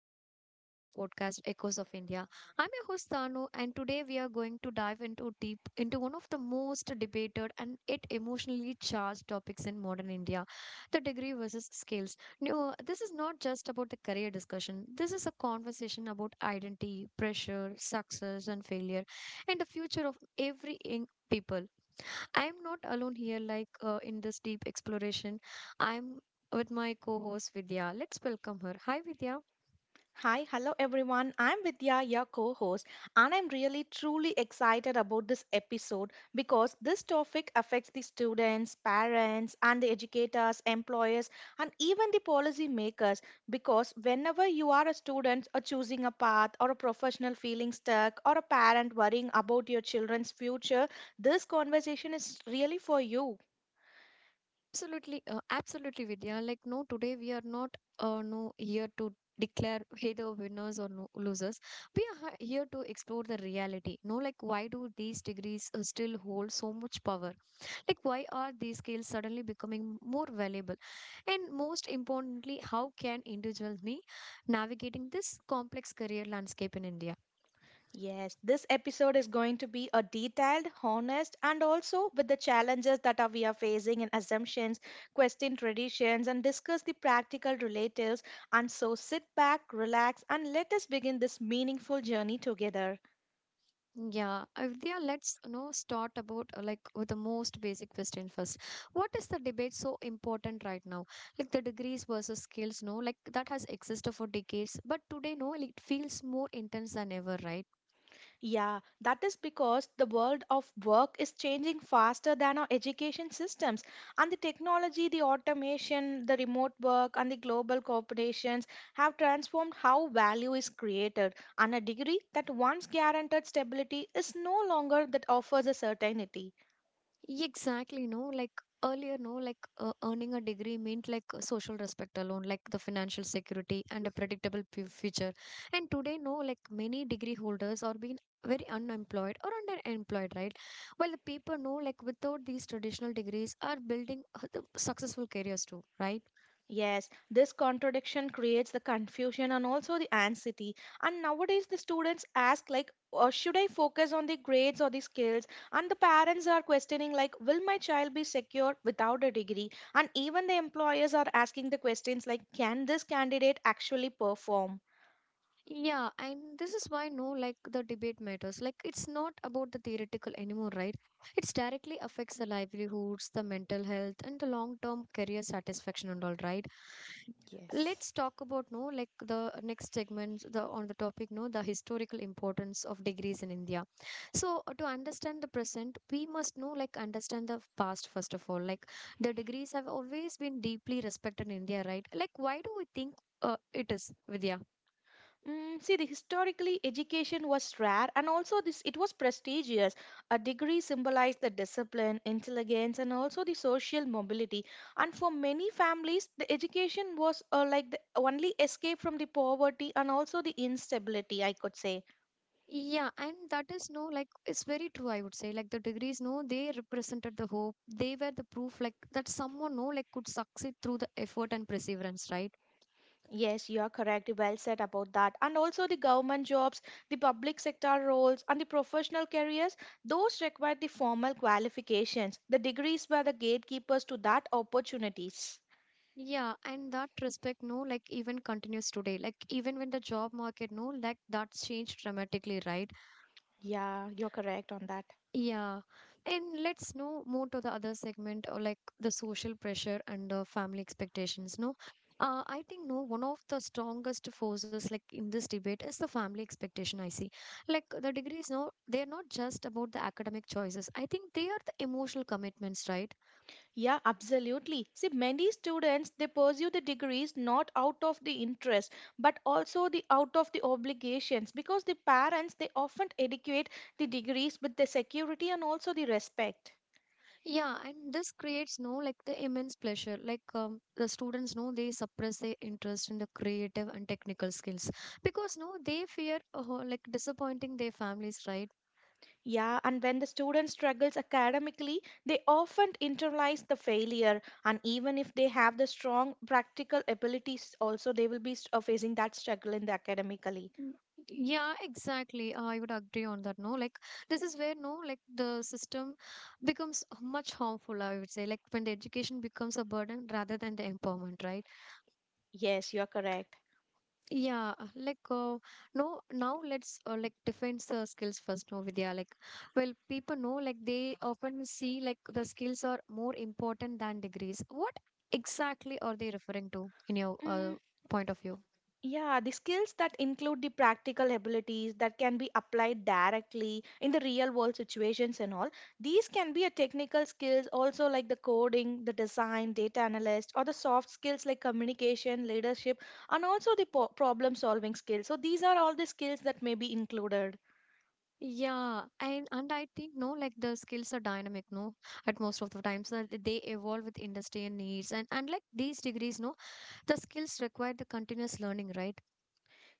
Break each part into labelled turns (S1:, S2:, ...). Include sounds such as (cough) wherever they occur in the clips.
S1: new episode of our podcast, Echoes of India. I'm your host Tanu, and today we are going to dive into deep into one of the most debated and yet emotionally charged topics in modern India: the degree versus skills. No, this is not just about the career discussion. This is a conversation about identity, pressure, success, and failure, and the future of every young people. I'm not alone here, in this deep exploration. I'm with my co host Vidya. Let's welcome her. Hi, Vidya.
S2: Hi, hello everyone. I'm Vidya, your co host, and I'm really truly excited about this episode because this topic affects the students, parents, and the educators, employers, and even the policy makers. Because whenever you are a student or choosing a path, or a professional feeling stuck, or a parent worrying about your children's future, this conversation is really for you.
S1: Absolutely, absolutely, Vidya. Like, no, today we are not no here to declare either winners or no losers. We are here to explore the reality. No, like, why do these degrees still hold so much power? Like, why are these skills suddenly becoming more valuable? And most importantly, how can individuals be navigating this complex career landscape in India?
S2: Yes, this episode is going to be a detailed, honest, and also with the challenges that are we are facing in assumptions, question traditions, and discuss the practical relatives. And so sit back, relax, and let us begin this meaningful journey together.
S1: Yeah, Vidya, let's you know start about like with the most basic question first. What is the debate so important right now? Like the degrees versus skills, no, like that has existed for decades, but today, no, like, it feels more intense than ever, right?
S2: Yeah, that is because the world of work is changing faster than our education systems. And the technology, the automation, the remote work, and the global corporations have transformed how value is created. And a degree that once guaranteed stability is no longer that offers a certainty.
S1: Yeah, exactly, no, like earlier, no, earning a degree meant social respect alone, like the financial security and a predictable future. And today, no, like many degree holders are being very unemployed or underemployed, right? While the people no. Like without these traditional degrees, are building the successful careers too, right?
S2: Yes, this contradiction creates the confusion and also the anxiety. And nowadays, the students ask, like, should I focus on the grades or the skills? And the parents are questioning, like, will my child be secure without a degree? And even the employers are asking the questions, like, can this candidate actually perform?
S1: Yeah, and this is why no, like the debate matters. Like it's not about the theoretical anymore, right? It's directly affects the livelihoods, the mental health, and the long-term career satisfaction and all, right?
S2: Yes.
S1: Let's talk about no, like the next segment, the on the topic, no, the historical importance of degrees in India. So to understand the present, we must know, like, understand the past first of all. Like the degrees have always been deeply respected in India, right? Like, why do we think it is, Vidya?
S2: See, the historically education was rare, and also this it was prestigious. A degree symbolized the discipline, intelligence, and also the social mobility. And for many families, the education was like the only escape from the poverty and also the instability, I could say.
S1: Yeah, and that is no, like, it's very true, I would say. Like, the degrees, no, they represented the hope. They were the proof, like, that someone, no, like, could succeed through the effort and perseverance, right?
S2: Yes, you are correct. Well said about that. And also the government jobs, the public sector roles, and the professional careers, those required the formal qualifications. The degrees were the gatekeepers to that opportunities.
S1: Yeah, and that respect, no, like, even continues today. Like, even when the job market, no, like, that's changed dramatically, right?
S2: Yeah, you're correct on that.
S1: Yeah. And let's know more to the other segment or like the social pressure and family expectations. No, I think no, one of the strongest forces like in this debate is the family expectation. I see like the degrees. No, they are not just about the academic choices. I think they are the emotional commitments, right?
S2: Yeah, absolutely. See, many students they pursue the degrees not out of the interest but also the out of the obligations because the parents they often educate the degrees with the security and also the respect.
S1: Yeah. And this creates no like the immense pressure. Like the students know they suppress their interest in the creative and technical skills because no, they fear like disappointing their families, right?
S2: Yeah, and when the student struggles academically, they often internalize the failure, and even if they have the strong practical abilities, also they will be facing that struggle in the academically.
S1: Mm, yeah, exactly. I would agree on that. No, like this is where no, like the system becomes much harmful. I would say, like when the education becomes a burden rather than the empowerment, right?
S2: Yes, you're correct.
S1: Yeah, no, now let's like defense skills first. No, Vidya, like well, people know like they often see like the skills are more important than degrees. What exactly are they referring to in your
S2: Mm,
S1: point of view?
S2: Yeah, the skills that include the practical abilities that can be applied directly in the real world situations and all. These can be a technical skills also like the coding, the design, data analyst, or the soft skills like communication, leadership, and also the problem solving skills. So these are all the skills that may be included.
S1: Yeah, and I think no, like the skills are dynamic, no, at most of the times that they evolve with industry and needs, and like these degrees, no, the skills require the continuous learning, right?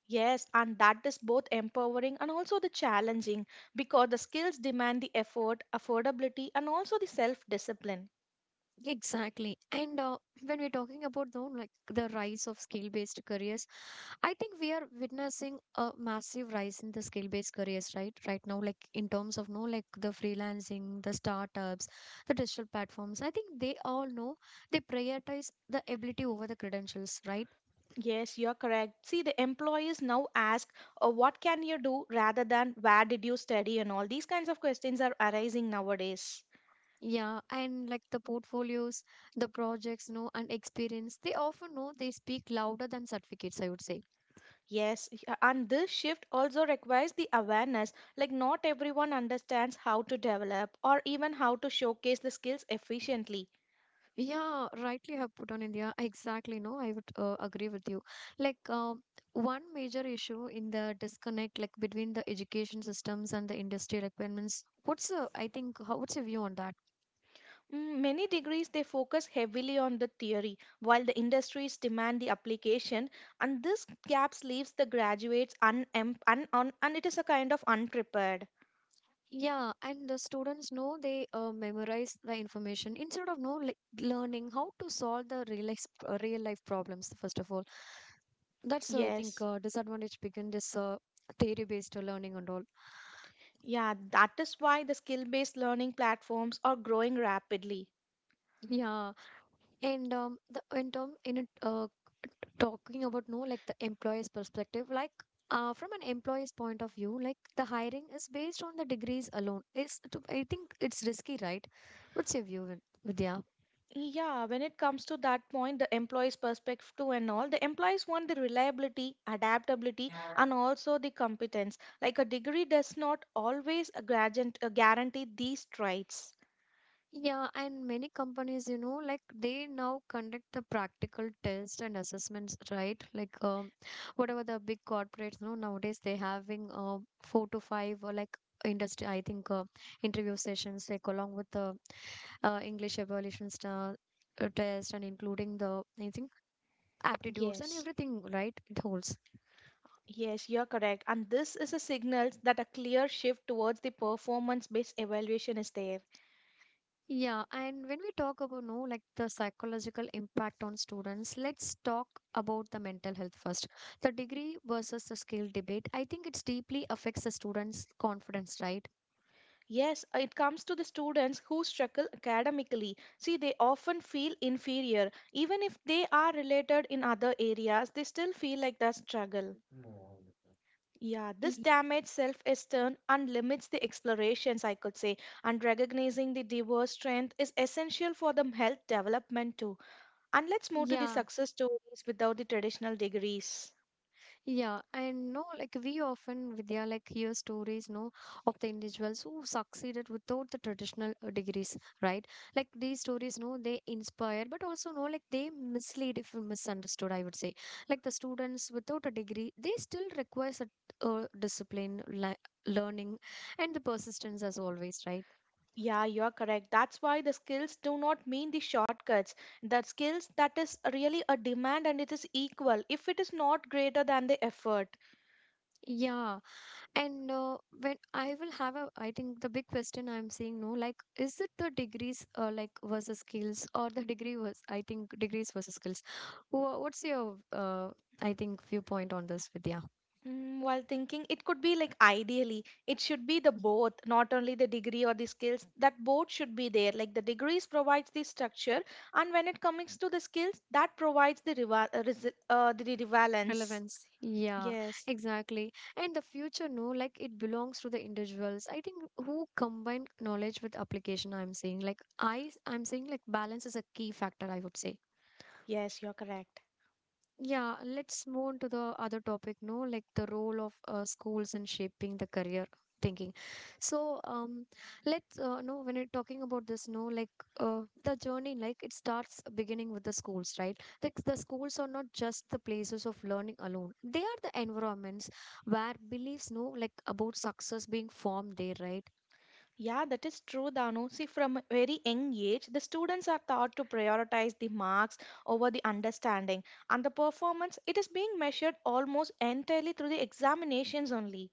S2: Yes, and that is both empowering and also the challenging because the skills demand the effort, affordability, and also the self discipline.
S1: Exactly. And when we're talking about though, like the rise of skill-based careers, I think we are witnessing a massive rise in the skill-based careers, right? Right now, like in terms of no, like the freelancing, the startups, the digital platforms. I think they all know they prioritize the ability over the credentials, right?
S2: Yes, you're correct. See, the employees now ask, what can you do rather than where did you study, and all these kinds of questions are arising nowadays.
S1: Yeah, and like the portfolios, the projects, no, and experience, they often know they speak louder than certificates, I would say.
S2: Yes, and this shift also requires the awareness. Like, not everyone understands how to develop or even how to showcase the skills efficiently.
S1: Yeah, rightly have put on India. Exactly, no, I would agree with you. Like, one major issue in the disconnect, like between the education systems and the industry requirements. What's the, I think, how, what's your view on that?
S2: Many degrees they focus heavily on the theory, while the industries demand the application, and this gaps leaves the graduates and it is a kind of unprepared.
S1: Yeah, and the students know they memorize the information instead of no like, learning how to solve the real life problems. First of all, that's I think
S2: Yes.
S1: disadvantage begin this theory based learning and all.
S2: Yeah, that is why the skill based learning platforms are growing rapidly.
S1: Yeah, and the in term in it, talking about no like the employer's perspective, like from an employer's point of view, like the hiring is based on the degrees alone. Is to I think it's risky, right? What's your view, Vidya?
S2: Yeah, when it comes to that point, the employees' perspective too and all, the employees want the reliability, adaptability, and also the competence. Like a degree does not always a guarantee these traits.
S1: Yeah, and many companies, you know, like they now conduct the practical tests and assessments, right? Like, whatever the big corporates, you know, nowadays they having four to five or like industry, I think, interview sessions, like along with the English evaluation star test and including the, I think, aptitudes and
S2: Yes.
S1: everything, right? It holds.
S2: Yes, you're correct. And this is a signal that a clear shift towards the performance based evaluation is there.
S1: Yeah, and when we talk about no like the psychological impact on students, let's talk about the mental health first. The degree versus the skill debate, I think it's deeply affects the students' confidence, right?
S2: Yes, it comes to the students who struggle academically. See, they often feel inferior. Even if they are related in other areas, they still feel like that struggle. Yeah, this
S1: Y-
S2: damaged self esteem and limits the explorations, I could say. And recognizing the diverse strength is essential for the health development too. And let's move to the
S1: Yeah,
S2: success stories without the traditional degrees.
S1: yeah, and no, like we often, Vidya, like hear stories, no, of the individuals who succeeded without the traditional degrees, right? Like these stories, no, they inspire, but also, no, like they mislead if misunderstood, I would say. Like the students without a degree, they still requires a discipline, li learning, and the persistence as always, right?
S2: Yeah, you are correct. That's why the skills do not mean the shortcuts. The skills that is really a demand and it is equal if it is not greater than the effort.
S1: Yeah, and when I will have a, I think the big question I'm saying no, like, is it the degrees like versus skills or the degree was, I think degrees versus skills. What's your, I think viewpoint on this, Vidya?
S2: While thinking, it could be like ideally, it should be the both, not only the degree or the skills. That both should be there. Like the degrees provides the structure, and when it comes to the skills, that provides the the balance.
S1: Relevance. Yeah,
S2: Yes,
S1: exactly. And the future, no, like it belongs to the individuals. I think who combine knowledge with application, I'm saying I'm saying like balance is a key factor, I would say.
S2: yes, you are correct.
S1: Yeah, let's move on to the other topic, no? Like the role of schools in shaping the career thinking. So, let's no, when you're talking about this, no, like the journey, like it starts beginning with the schools, right? Like the schools are not just the places of learning alone; they are the environments where beliefs, no, like about success being formed there, right?
S2: Yeah, that is true, Danu. See, from a very young age, the students are taught to prioritize the marks over the understanding, and the performance it is being measured almost entirely through the examinations only.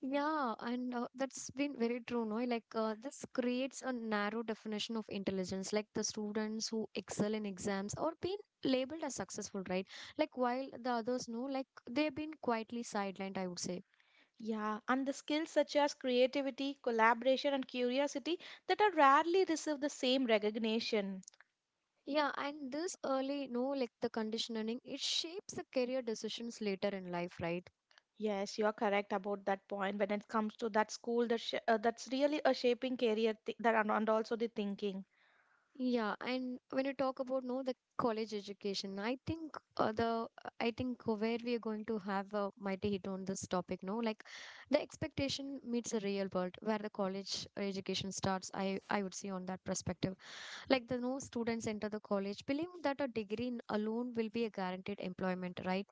S1: Yeah, and that's been very true, no? Like, this creates a narrow definition of intelligence, like the students who excel in exams or being labeled as successful, right? Like, while the others know, like, they've been quietly sidelined, I would say.
S2: Yeah, and the skills such as creativity, collaboration, and curiosity that are rarely receive the same recognition.
S1: Yeah, and this early, no, like the conditioning, it shapes the career decisions later in life, right?
S2: Yes, you are correct about that point when it comes to that school that that's really a shaping career that, and also the thinking.
S1: Yeah, and when you talk about no the college education, I think the I think where we are going to have a mighty hit on this topic, no, like the expectation meets the real world where the college education starts. I would see on that perspective, like the no students enter the college believing that a degree alone will be a guaranteed employment, right?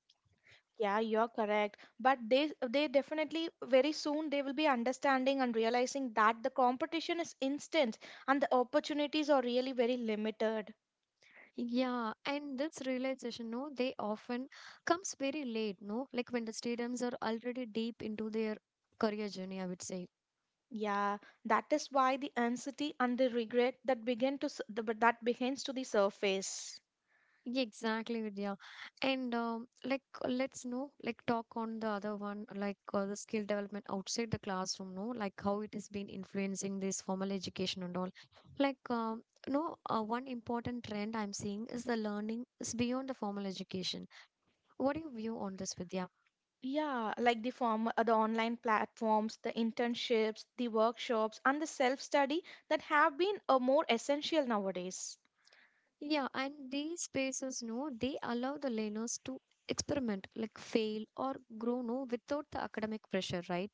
S2: Yeah, you're correct. But they definitely very soon they will be understanding and realizing that the competition is instant and the opportunities are really very limited.
S1: Yeah, and this realization, no, they often comes very late, no, like when the students are already deep into their career journey, I would say.
S2: Yeah, that is why the anxiety and the regret that begin to s- the, but that begins to the surface.
S1: Yeah, exactly, Vidya. And like, let's know, like, talk on the other one, like the skill development outside the classroom, no, like how it has been influencing this formal education and all. Like, no, one important trend I'm seeing is the learning is beyond the formal education. What do you view on this, Vidya?
S2: Yeah, like the form the online platforms, the internships, the workshops, and the self-study that have been more essential nowadays.
S1: Yeah, and these spaces, no, they allow the learners to experiment, like fail or grow, no, without the academic pressure, right?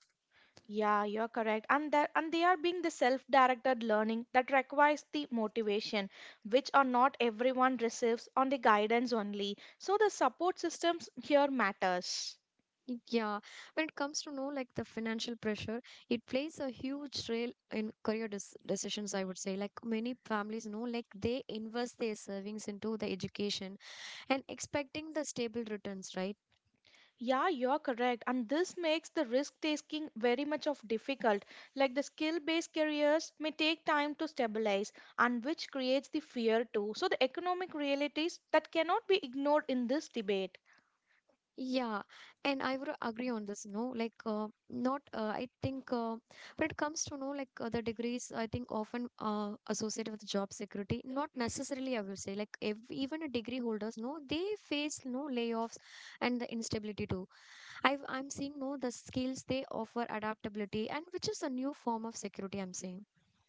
S2: Yeah, you're correct. And that and they are being the self-directed learning that requires the motivation, which are not everyone receives on the guidance only. So the support systems here matters.
S1: Yeah, when it comes to know like the financial pressure, it plays a huge role in career decisions, I would say. Like many families know, like they invest their savings into the education and expecting the stable returns, right?
S2: Yeah, you're correct. And this makes the risk taking very much of difficult. Like the skill-based careers may take time to stabilize and which creates the fear too. So the economic realities that cannot be ignored in this debate.
S1: Yeah, and I would agree on this. No, not. I think when it comes to know like the degrees, I think often associated with job security. Not necessarily, I will say. Like if, even a degree holders, no, they face no layoffs and the instability too I'm seeing no the skills they offer adaptability and which is a new form of security I'm seeing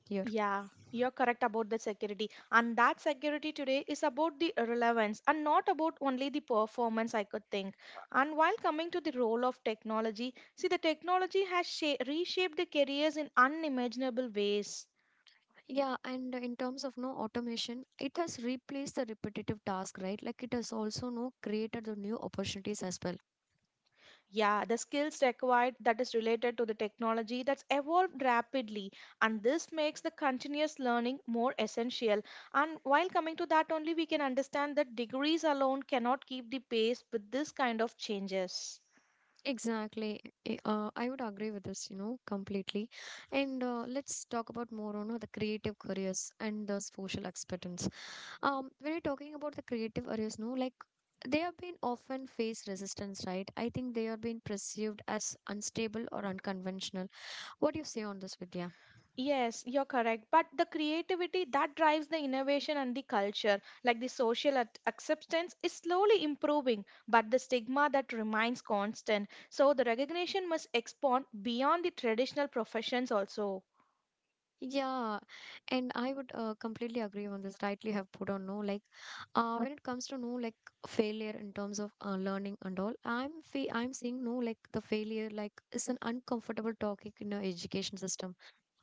S1: here.
S2: Yeah, you're correct about the security. And that security today is about the relevance and not about only the performance, I could think. And while coming to the role of technology, see, the technology has reshaped the careers in unimaginable ways.
S1: Yeah, and in terms of no automation, it has replaced the repetitive task, right? Like it has also no created the new opportunities as well.
S2: Yeah, the skills required that is related to the technology that's evolved rapidly, and this makes the continuous learning more essential. And while coming to that only, we can understand that degrees alone cannot keep the pace with this kind of changes.
S1: Exactly. I would agree with this completely. And let's talk about more on the creative careers and the social expectancy. When you're talking about the creative areas, no, like they have been often face resistance, right? I think they are being perceived as unstable or unconventional. What do you say on this, Vidya?
S2: Yes, you're correct. But the creativity that drives the innovation and the culture, like the social acceptance, is slowly improving, but the stigma that remains constant. So the recognition must expand beyond the traditional professions also.
S1: Yeah, and I would completely agree on this. Rightly have put on no like, when it comes to no like failure in terms of learning and all. I'm seeing no like the failure like is an uncomfortable topic in our education system.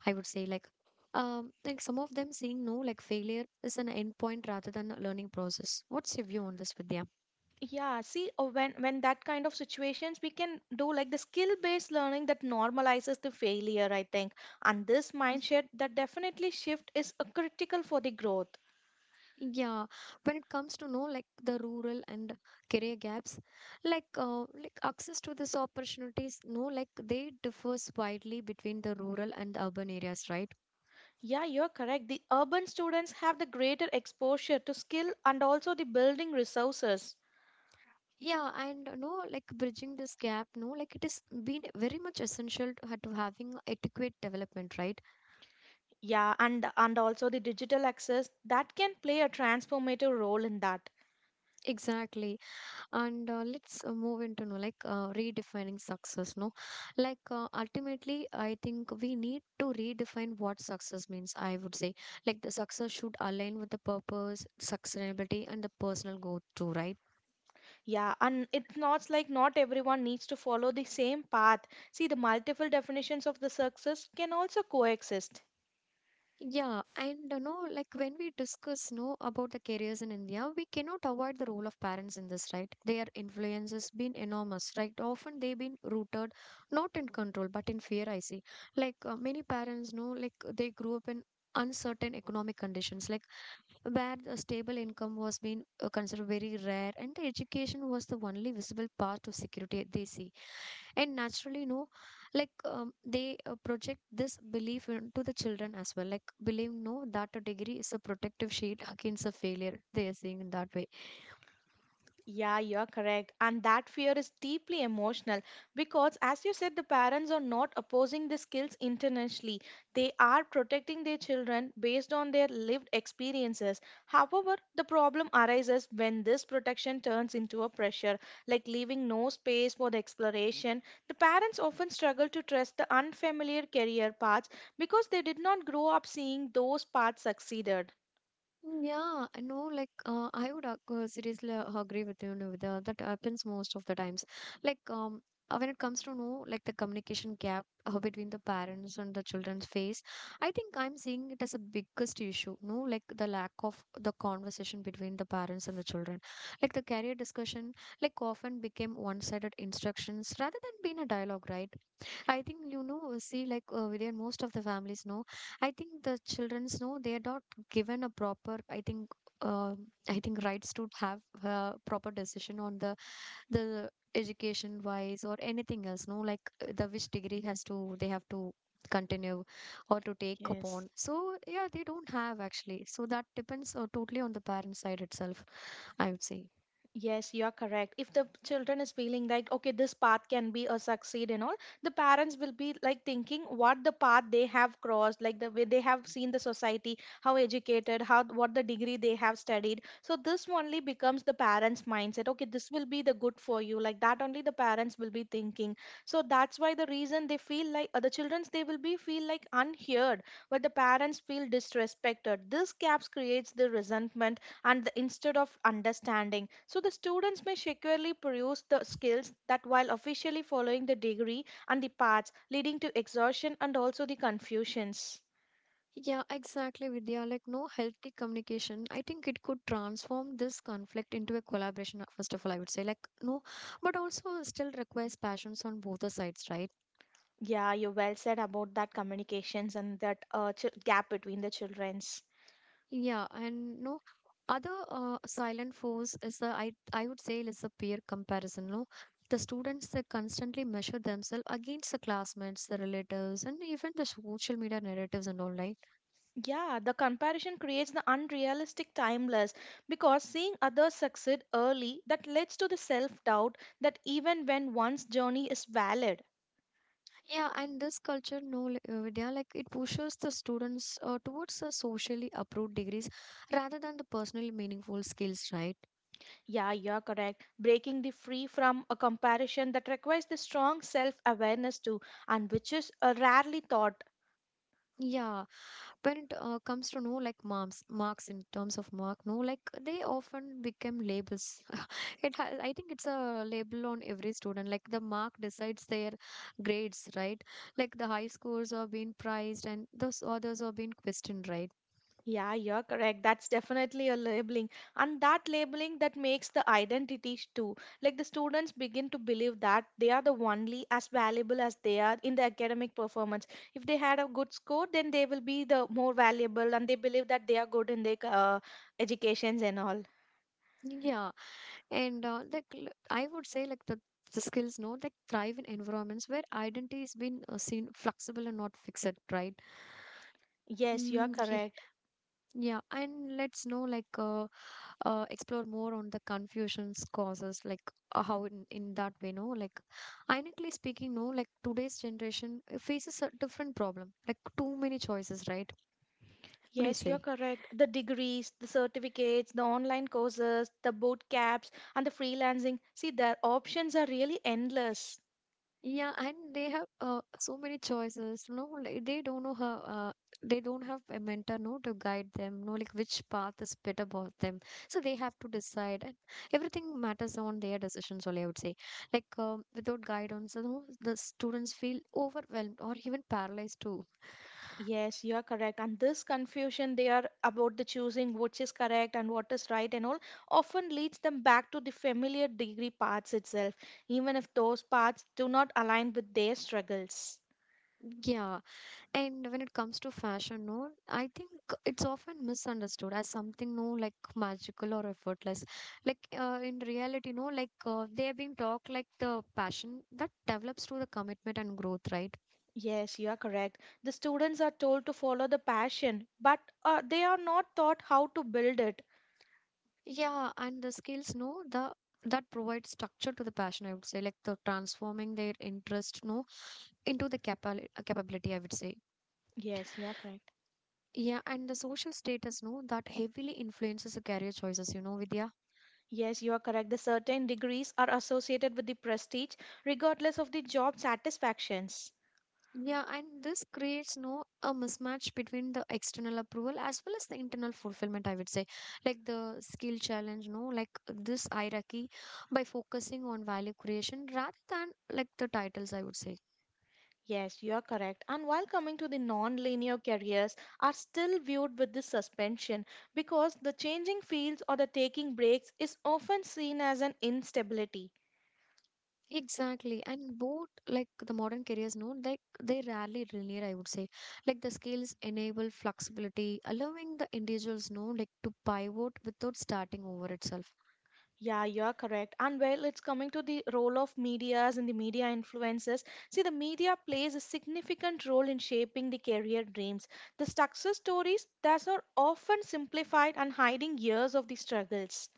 S1: I would say like some of them seeing no like failure is an endpoint rather than a learning process. What's your view on this, Vidya?
S2: Yeah, see, when that kind of situations, we can do like the skill-based learning that normalizes the failure, I think. And this mindset that definitely shift is critical for the growth.
S1: Yeah, when it comes to know like the rural and career gaps, like access to these opportunities, no, like they differs widely between the rural and urban areas, right?
S2: Yeah, you're correct. The urban students have the greater exposure to skill and also the building resources.
S1: Yeah, and no, like bridging this gap, no, like it is been very much essential to having adequate development, right?
S2: Yeah, and also the digital access that can play a transformative role in that.
S1: Exactly. And let's move into no like redefining success, no like ultimately I think we need to redefine what success means, I would say like the success should align with the purpose, sustainability, and the personal growth too, right?
S2: Yeah, and it's not like not everyone needs to follow the same path. See, the multiple definitions of the success can also coexist.
S1: Yeah, and like when we discuss, no, about the careers in India, we cannot avoid the role of parents in this, right? Their influence has been enormous, right? Often they've been rooted not in control but in fear, I see. Like many parents, know like they grew up in uncertain economic conditions, like where the stable income was being considered very rare, and the education was the only visible path to security they see. And naturally, like they project this belief into the children as well, like believing no that a degree is a protective shield (laughs) against a failure they are seeing in that way.
S2: Yeah, you're correct. And that fear is deeply emotional because, as you said, the parents are not opposing the skills intentionally. They are protecting their children based on their lived experiences. However, the problem arises when this protection turns into a pressure, like leaving no space for the exploration. The parents often struggle to trust the unfamiliar career paths because they did not grow up seeing those paths succeeded.
S1: Mm, yeah, I know, like, I would seriously agree with you, Nivida. That happens most of the times. Like, when it comes to know, like, the communication gap between the parents and the children's face, I think I'm seeing it as a biggest issue, no? Like, the lack of the conversation between the parents and the children. Like, the career discussion, like, often became one-sided instructions rather than being a dialogue, right? I think, see, like Vidayan, most of the families know. I think the childrens know they are not given a proper, uh, I think, rights to have a proper decision on the education wise or anything else. No, like the which degree has to they have to continue, or to take
S2: Yes.
S1: upon. So yeah, they don't have actually. So that depends totally on the parent side itself, I would say.
S2: Yes, you are correct. If the children is feeling like, okay, this path can be a succeed and all, the parents will be like thinking what the path they have crossed, like the way they have seen the society, how educated, how what the degree they have studied. So this only becomes the parents' mindset. Okay, this will be the good for you. Like that only the parents will be thinking. So that's why the reason they feel like the childrens they will be feel like unheard, but the parents feel disrespected. This gaps creates the resentment and the, instead of understanding so the students may securely produce the skills that while officially following the degree and the paths leading to exhaustion and also the confusions.
S1: Yeah, exactly, Vidya. Like, no healthy communication. I think it could transform this conflict into a collaboration, first of all, I would say. Like, no, but also still requires passions on both the sides, right?
S2: Yeah, you well said about that communications and that gap between the children's.
S1: Yeah, and no, other silent force is the, I would say, is the peer comparison, no? The students, they constantly measure themselves against the classmates, the relatives, and even the social media narratives and all, right?
S2: Yeah, the comparison creates the unrealistic timeless because seeing others succeed early that leads to the self doubt that even when one's journey is valid.
S1: Yeah, and this culture, no, Vidya, like it pushes the students towards the socially approved degrees rather than the personally meaningful skills, right?
S2: Yeah, you're correct. Breaking the free from a comparison that requires the strong self awareness too, and which is rarely thought.
S1: Yeah, when it comes to no like marks in terms of mark, no, like they often become labels. (laughs) It has, I think it's a label on every student. Like the mark decides their grades, right? Like the high scores are being prized and those others are being questioned, right?
S2: Yeah, you're correct. That's definitely a labeling. And that labeling that makes the identities too. Like the students begin to believe that they are the only as valuable as they are in the academic performance. If they had a good score, then they will be the more valuable and they believe that they are good in their educations and all.
S1: Yeah, and like I would say, like the skills, know like thrive in environments where identity has been seen flexible and not fixed, right?
S2: Yes, you're
S1: Mm, ye-
S2: correct.
S1: yeah, and let's know like explore more on the confusions causes, like how in that way, no, like ironically speaking, no, like today's generation faces a different problem, like too many choices, right? What do you
S2: Yes, you're
S1: say?
S2: correct. The degrees, the certificates, the online courses, the boot camps, and the freelancing. See, the options are really endless.
S1: Yeah, and they have so many choices. No, like they don't know how. They don't have a mentor, no, to guide them. No, like which path is better for them. So they have to decide, and everything matters on their decisions. Only, I would say, like without guidance, the students feel overwhelmed or even paralyzed too.
S2: Yes, you are correct. And this confusion they are about the choosing which is correct and what is right and all often leads them back to the familiar degree paths itself, even if those paths do not align with their struggles.
S1: Yeah, and when it comes to fashion, no, I think it's often misunderstood as something no like magical or effortless. Like in reality, no, like they are being talked like the passion that develops through the commitment and growth, right?
S2: Yes, you are correct. The students are told to follow the passion, but they are not taught how to build it.
S1: Yeah, and the skills, no, the that provides structure to the passion. I would say, like the transforming their interest, no, into the capability, I would say.
S2: Yes, you are correct.
S1: Yeah, and the social status, no, that heavily influences the career choices. You know, Vidya.
S2: Yes, you are correct. The certain degrees are associated with the prestige, regardless of the job satisfactions.
S1: Yeah, and this creates no a mismatch between the external approval as well as the internal fulfillment, I would say. Like the skill challenge, no, like this hierarchy by focusing on value creation rather than like the titles, I would say.
S2: Yes, you are correct. And while coming to the non-linear careers are still viewed with the suspension because the changing fields or the taking breaks is often seen as an instability.
S1: Exactly. And both like the modern careers, no, like they rarely linear, I would say. Like the skills enable flexibility, allowing the individuals, no, like to pivot without starting over itself.
S2: Yeah, you are correct. And well, it's coming to the role of medias and the media influences. See, the media plays a significant role in shaping the career dreams. The success stories that are often simplified and hiding years of the struggles.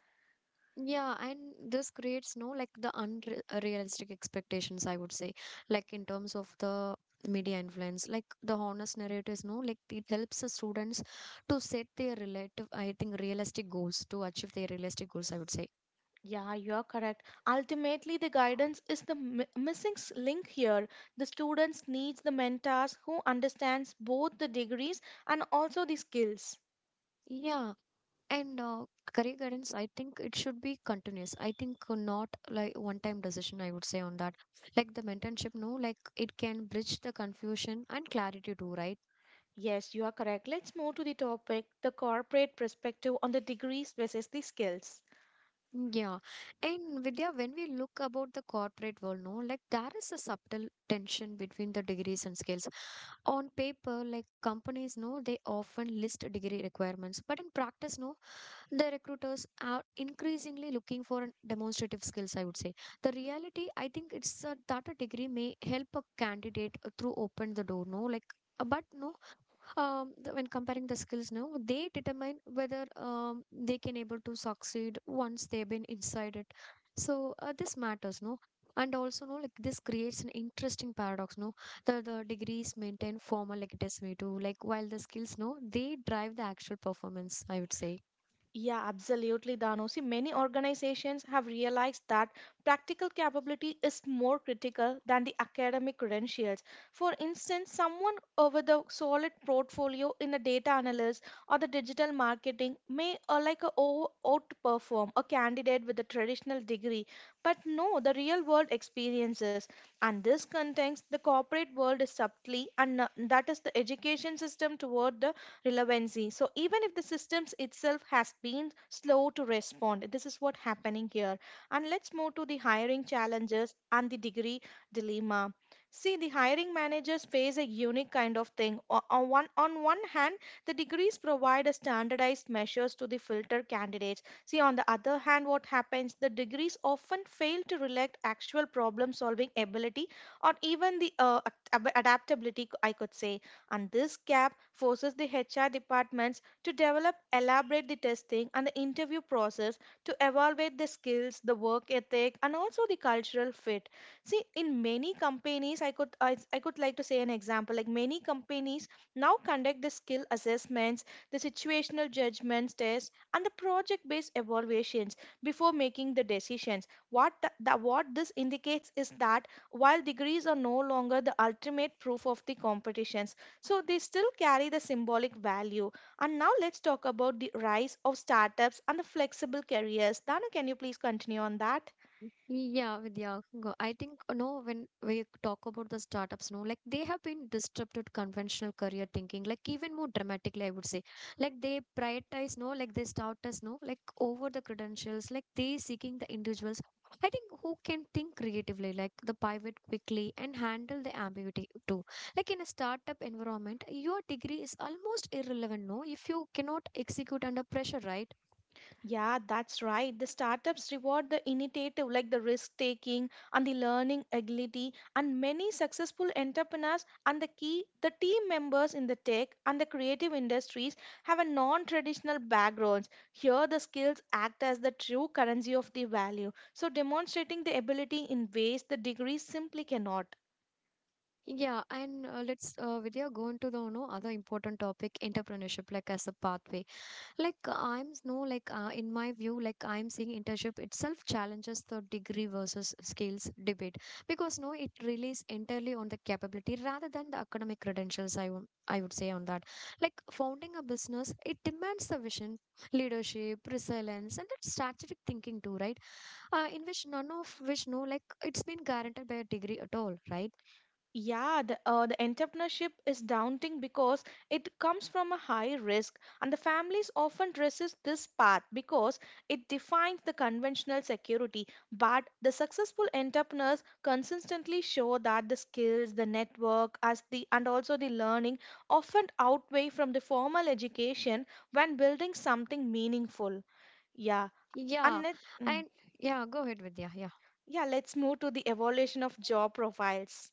S1: Yeah, and this creates no like the unrealistic expectations, I would say, like in terms of the media influence, like the honest narratives, no, like it helps the students to set their relative, I think, realistic goals to achieve their realistic goals, I would say.
S2: Yeah, you are correct. Ultimately, the guidance is the missing link here. The students needs the mentors who understands both the degrees and also the skills.
S1: Yeah, and career guidance, I think it should be continuous. I think not like one-time decision, I would say on that. Like the mentorship, no, like it can bridge the confusion and clarity too, right?
S2: Yes, you are correct. Let's move to the topic the corporate perspective on the degrees versus the skills.
S1: Yeah. And Vidya, when we look about the corporate world, no, like there is a subtle tension between the degrees and skills. On paper, like companies know they often list degree requirements, but in practice, no, the recruiters are increasingly looking for an demonstrative skills, I would say. The reality, I think it's that a degree may help a candidate through open the door, no, like but no, when comparing the skills now, they determine whether they can able to succeed once they've been inside it. So this matters, no, and also no like this creates an interesting paradox, no, the degrees maintain formal legitimacy too, like while the skills, no, they drive the actual performance, I would say.
S2: Yeah, absolutely, Dano. See, many organizations have realized that practical capability is more critical than the academic credentials. For instance, someone with a solid portfolio in a data analyst or the digital marketing may like a outperform a candidate with a traditional degree, but no, the real world experiences. And this context, the corporate world is subtly, and that is the education system toward the relevancy. So even if the systems itself has been slow to respond, this is what happening here. And let's move to the hiring challenges and the degree dilemma. See, the hiring managers face a unique kind of thing. On one hand, the degrees provide a standardized measures to the filter candidates. See, on the other hand, what happens? The degrees often fail to reflect actual problem solving ability or even the adaptability, I could say. And this gap forces the HR departments to develop, elaborate the testing and the interview process to evaluate the skills, the work ethic, and also the cultural fit. See, in many companies, I could like to say an example. Like many companies now conduct the skill assessments, the situational judgments test, and the project-based evaluations before making the decisions. What what this indicates is that while degrees are no longer the ultimate proof of the competitions, so they still carry the symbolic value. And now let's talk about the rise of startups and the flexible careers. Danu, can you please continue on that?
S1: Yeah, Vidya, I think no. When we talk about the startups, no, like they have been disrupted conventional career thinking, like even more dramatically, I would say. Like they prioritize, no, like they start as no, like over the credentials, like they seeking the individuals. I think who can think creatively, like the pivot quickly and handle the ambiguity too. Like in a startup environment, your degree is almost irrelevant, no, if you cannot execute under pressure, right?
S2: Yeah, that's right. The startups reward the initiative, like the risk taking and the learning agility. And many successful entrepreneurs and the key, the team members in the tech and the creative industries have a non-traditional backgrounds. Here, the skills act as the true currency of the value. So, demonstrating the ability in ways the degrees simply cannot.
S1: Yeah, and let's, Vidya, go into the no other important topic, entrepreneurship, like as a pathway. Like no like in my view, like I'm seeing internship itself challenges the degree versus skills debate because no, it relies entirely on the capability rather than the academic credentials. I would say on that. Like founding a business, it demands the vision, leadership, resilience, and that strategic thinking too, right? In which none of which no like it's been guaranteed by a degree at all, right?
S2: Yeah, the entrepreneurship is daunting because it comes from a high risk, and the families often resist this path because it defines the conventional security. But the successful entrepreneurs consistently show that the skills, the network, as the and also the learning often outweigh from the formal education when building something meaningful. Yeah, and
S1: Yeah. And yeah, go ahead, Vidya. Yeah.
S2: let's move to the evolution of job profiles.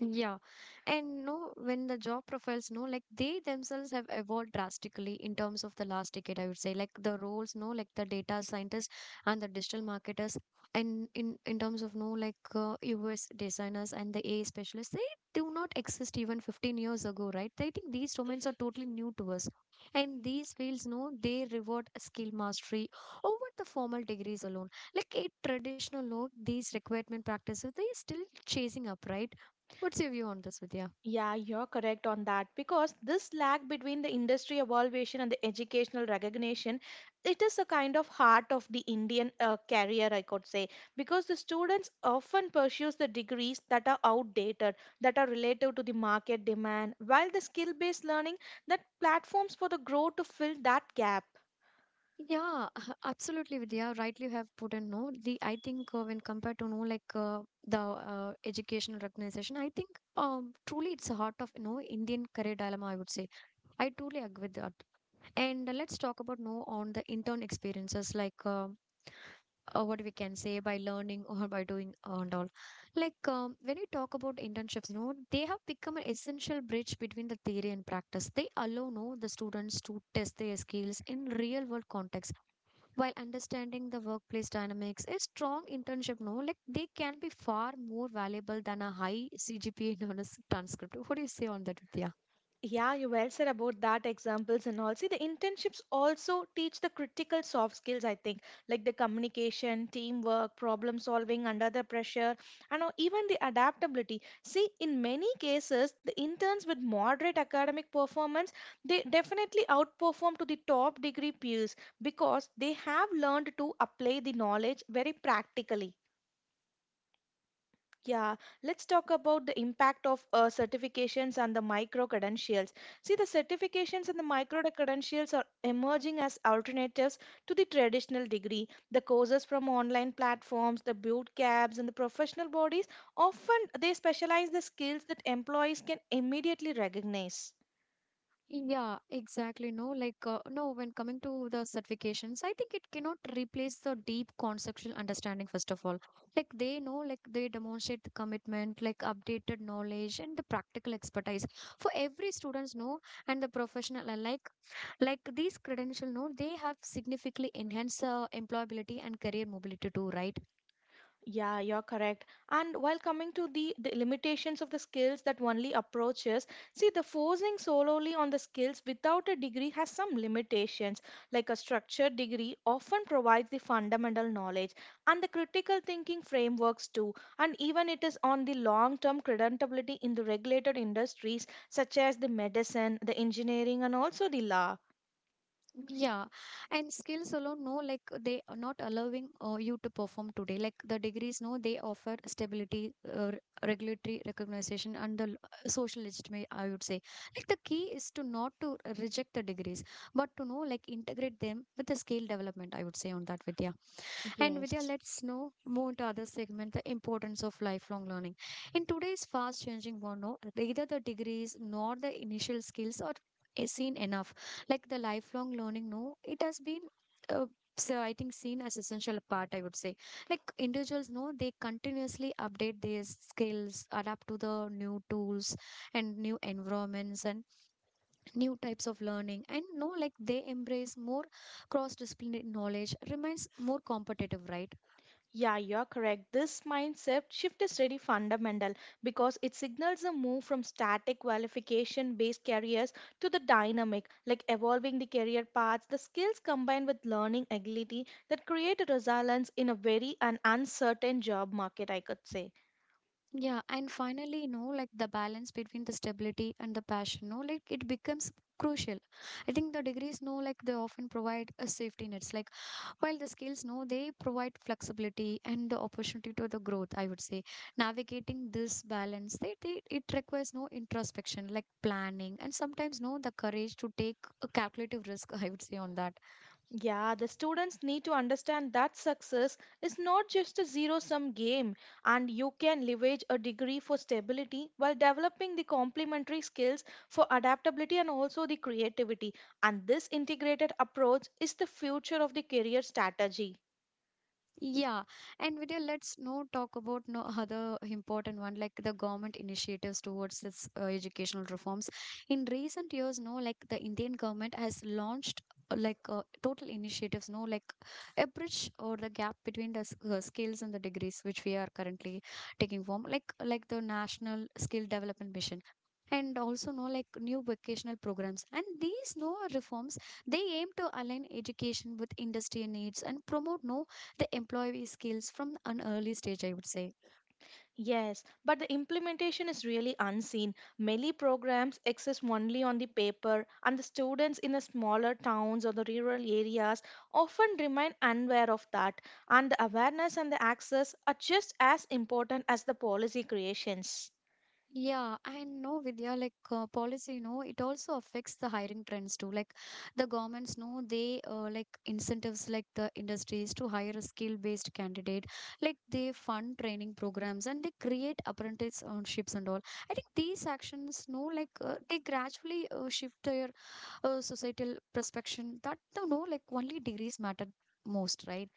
S1: Yeah. And no, when the job profiles, no, like they themselves have evolved drastically in terms of the last decade, I would say. Like the roles, no, like the data scientists and the digital marketers, and in terms of no, like US designers and the AI specialists, they do not exist even 15 years ago, right? I think these domains are totally new to us. And these fields, no, they reward skill mastery over the formal degrees alone. Like a traditional, no, these recruitment practices, they are still chasing up, right? What's your view on this, Vidya?
S2: Yeah, you're correct on that because this lag between the industry evaluation and the educational recognition, it is a kind of heart of the Indian career, I could say, because the students often pursues the degrees that are outdated, that are relative to the market demand, while the skill-based learning that platforms for the growth to fill that gap.
S1: Yeah, (laughs) absolutely, Vidya. Rightly you have put in, no. The I think when compared to no like the educational recognition, I think truly it's the heart of no Indian career dilemma, I would say. I truly agree with that. And let's talk about now on the intern experiences, like what we can say by learning (laughs) or by doing and all. Like when we talk about internships, no, they have become an essential bridge between the theory and practice. They allow no the students to test their skills in real world context while understanding the workplace dynamics. A strong internship, no, like they can be far more valuable than a high CGPA known as (laughs) transcript. What do you say on that, Vidya?
S2: Yeah, you well said about that examples and all. See, the internships also teach the critical soft skills, I think, like the communication, teamwork, problem solving under the pressure, and or even the adaptability. See, in many cases, the interns with moderate academic performance, they definitely outperform to the top degree peers because they have learned to apply the knowledge very practically. Yeah, let's talk about the impact of certifications and the micro credentials. See, the certifications and the micro credentials are emerging as alternatives to the traditional degree. The courses from online platforms, the boot camps, and the professional bodies often they specialize the skills that employees can immediately recognize.
S1: Yeah, exactly. No, like, no, when coming to the certifications, I think it cannot replace the deep conceptual understanding, first of all. Like, they know, like, they demonstrate the commitment, like, updated knowledge, and the practical expertise for every students, no, and the professional alike. Like, these credential, no, they have significantly enhanced employability and career mobility, too, right?
S2: Yeah, you're correct. And while coming to the limitations of the skills that only approaches, see, the forcing solely on the skills without a degree has some limitations. Like a structured degree often provides the fundamental knowledge and the critical thinking frameworks too. And even it is on the long term creditability in the regulated industries such as the medicine, the engineering, and also the law.
S1: Yeah, and skills alone, no, like they are not allowing you to perform today. Like the degrees, no, they offer stability, regulatory recognition, and the social legitimacy, I would say. Like the key is to not to reject the degrees, but to know, like, integrate them with the skill development, I would say, on that, Vidya. And Vidya,
S2: Yes.
S1: let's now move to other segment, the importance of lifelong learning. In today's fast changing world, no, either the degrees nor the initial skills are seen enough like the lifelong learning no it has been uh, so I think seen as essential part I would say like individuals no, they continuously update their skills adapt to the new tools and new environments and new types of learning and no like they embrace more cross disciplinary knowledge remains more competitive right
S2: Yeah, you're correct. This mindset shift is really fundamental because it signals a move from static qualification based careers to the dynamic, like evolving the career paths, the skills combined with learning agility that create a resilience in a very an uncertain job market, I could say.
S1: yeah and finally you know like the balance between the stability and the passion no like it becomes crucial I think the degrees no like they often provide a safety nets like while the skills, no, they provide flexibility and the opportunity to the growth, I would say. Navigating this balance, it requires no introspection, like planning, and sometimes no, the courage to take a calculative risk, (laughs) I would say, on that.
S2: Yeah, the students need to understand that success is not just a zero sum game, and you can leverage a degree for stability while developing the complementary skills for adaptability and also the creativity. And this integrated approach is the future of the career strategy.
S1: Yeah, and Vidya, let's now talk about no other important one like the government initiatives towards this educational reforms. In recent years, no, like the Indian government has launched total initiatives, no, like a bridge or the gap between the skills and the degrees which we are currently taking form, like the National Skill Development Mission. And also, no, like new vocational programs. And these no reforms they aim to align education with industry needs and promote no the employee skills from an early stage, I would say.
S2: Yes, but the implementation is really unseen. Many programs exist only on the paper, and the students in the smaller towns or the rural areas often remain unaware of that. And the awareness and the access are just as important as the policy creations.
S1: Yeah, I know Vidya, like policy, you know, it also affects the hiring trends too. Like the governments know they like incentives like the industries to hire a skill-based candidate. Like they fund training programs and they create apprenticeships and all. I think these actions, no, like they gradually shift their societal perception that, you know like only degrees matter most, right?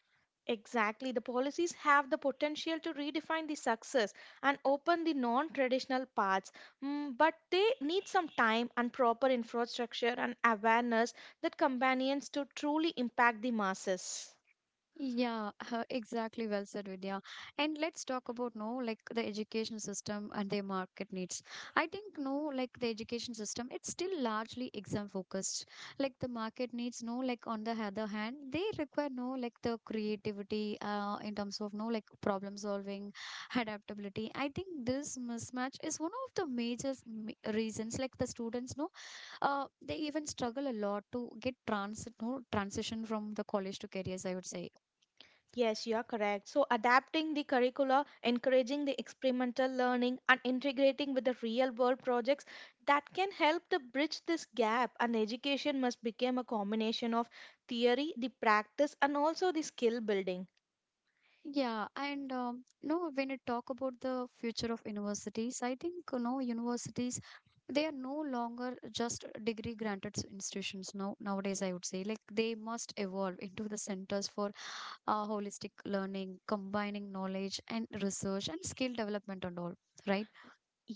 S2: Exactly. The policies have the potential to redefine the success and open the non traditional paths, but they need some time and proper infrastructure and awareness that companions to truly impact the masses.
S1: Yeah, (laughs) exactly. Well said, Vidya. And let's talk about no, like the education system and their market needs. I think no, like the education system, it's still largely exam focused. Like the market needs no, like on the other hand, they require no, like the creativity, in terms of no, like problem solving, adaptability. I think this mismatch is one of the major reasons. Like the students no, they even struggle a lot to get transit no transition from the college to careers. I would say.
S2: Yes, you are correct. So, adapting the curricula, encouraging the experimental learning, and integrating with the real world projects that can help to bridge this gap. And education must become a combination of theory, the practice, and also the skill building.
S1: Yeah, and no, when you talk about the future of universities, I think you know universities they are no longer just degree granted institutions now nowadays I would say like they must evolve into the centers for holistic learning combining knowledge and research and skill development and all right.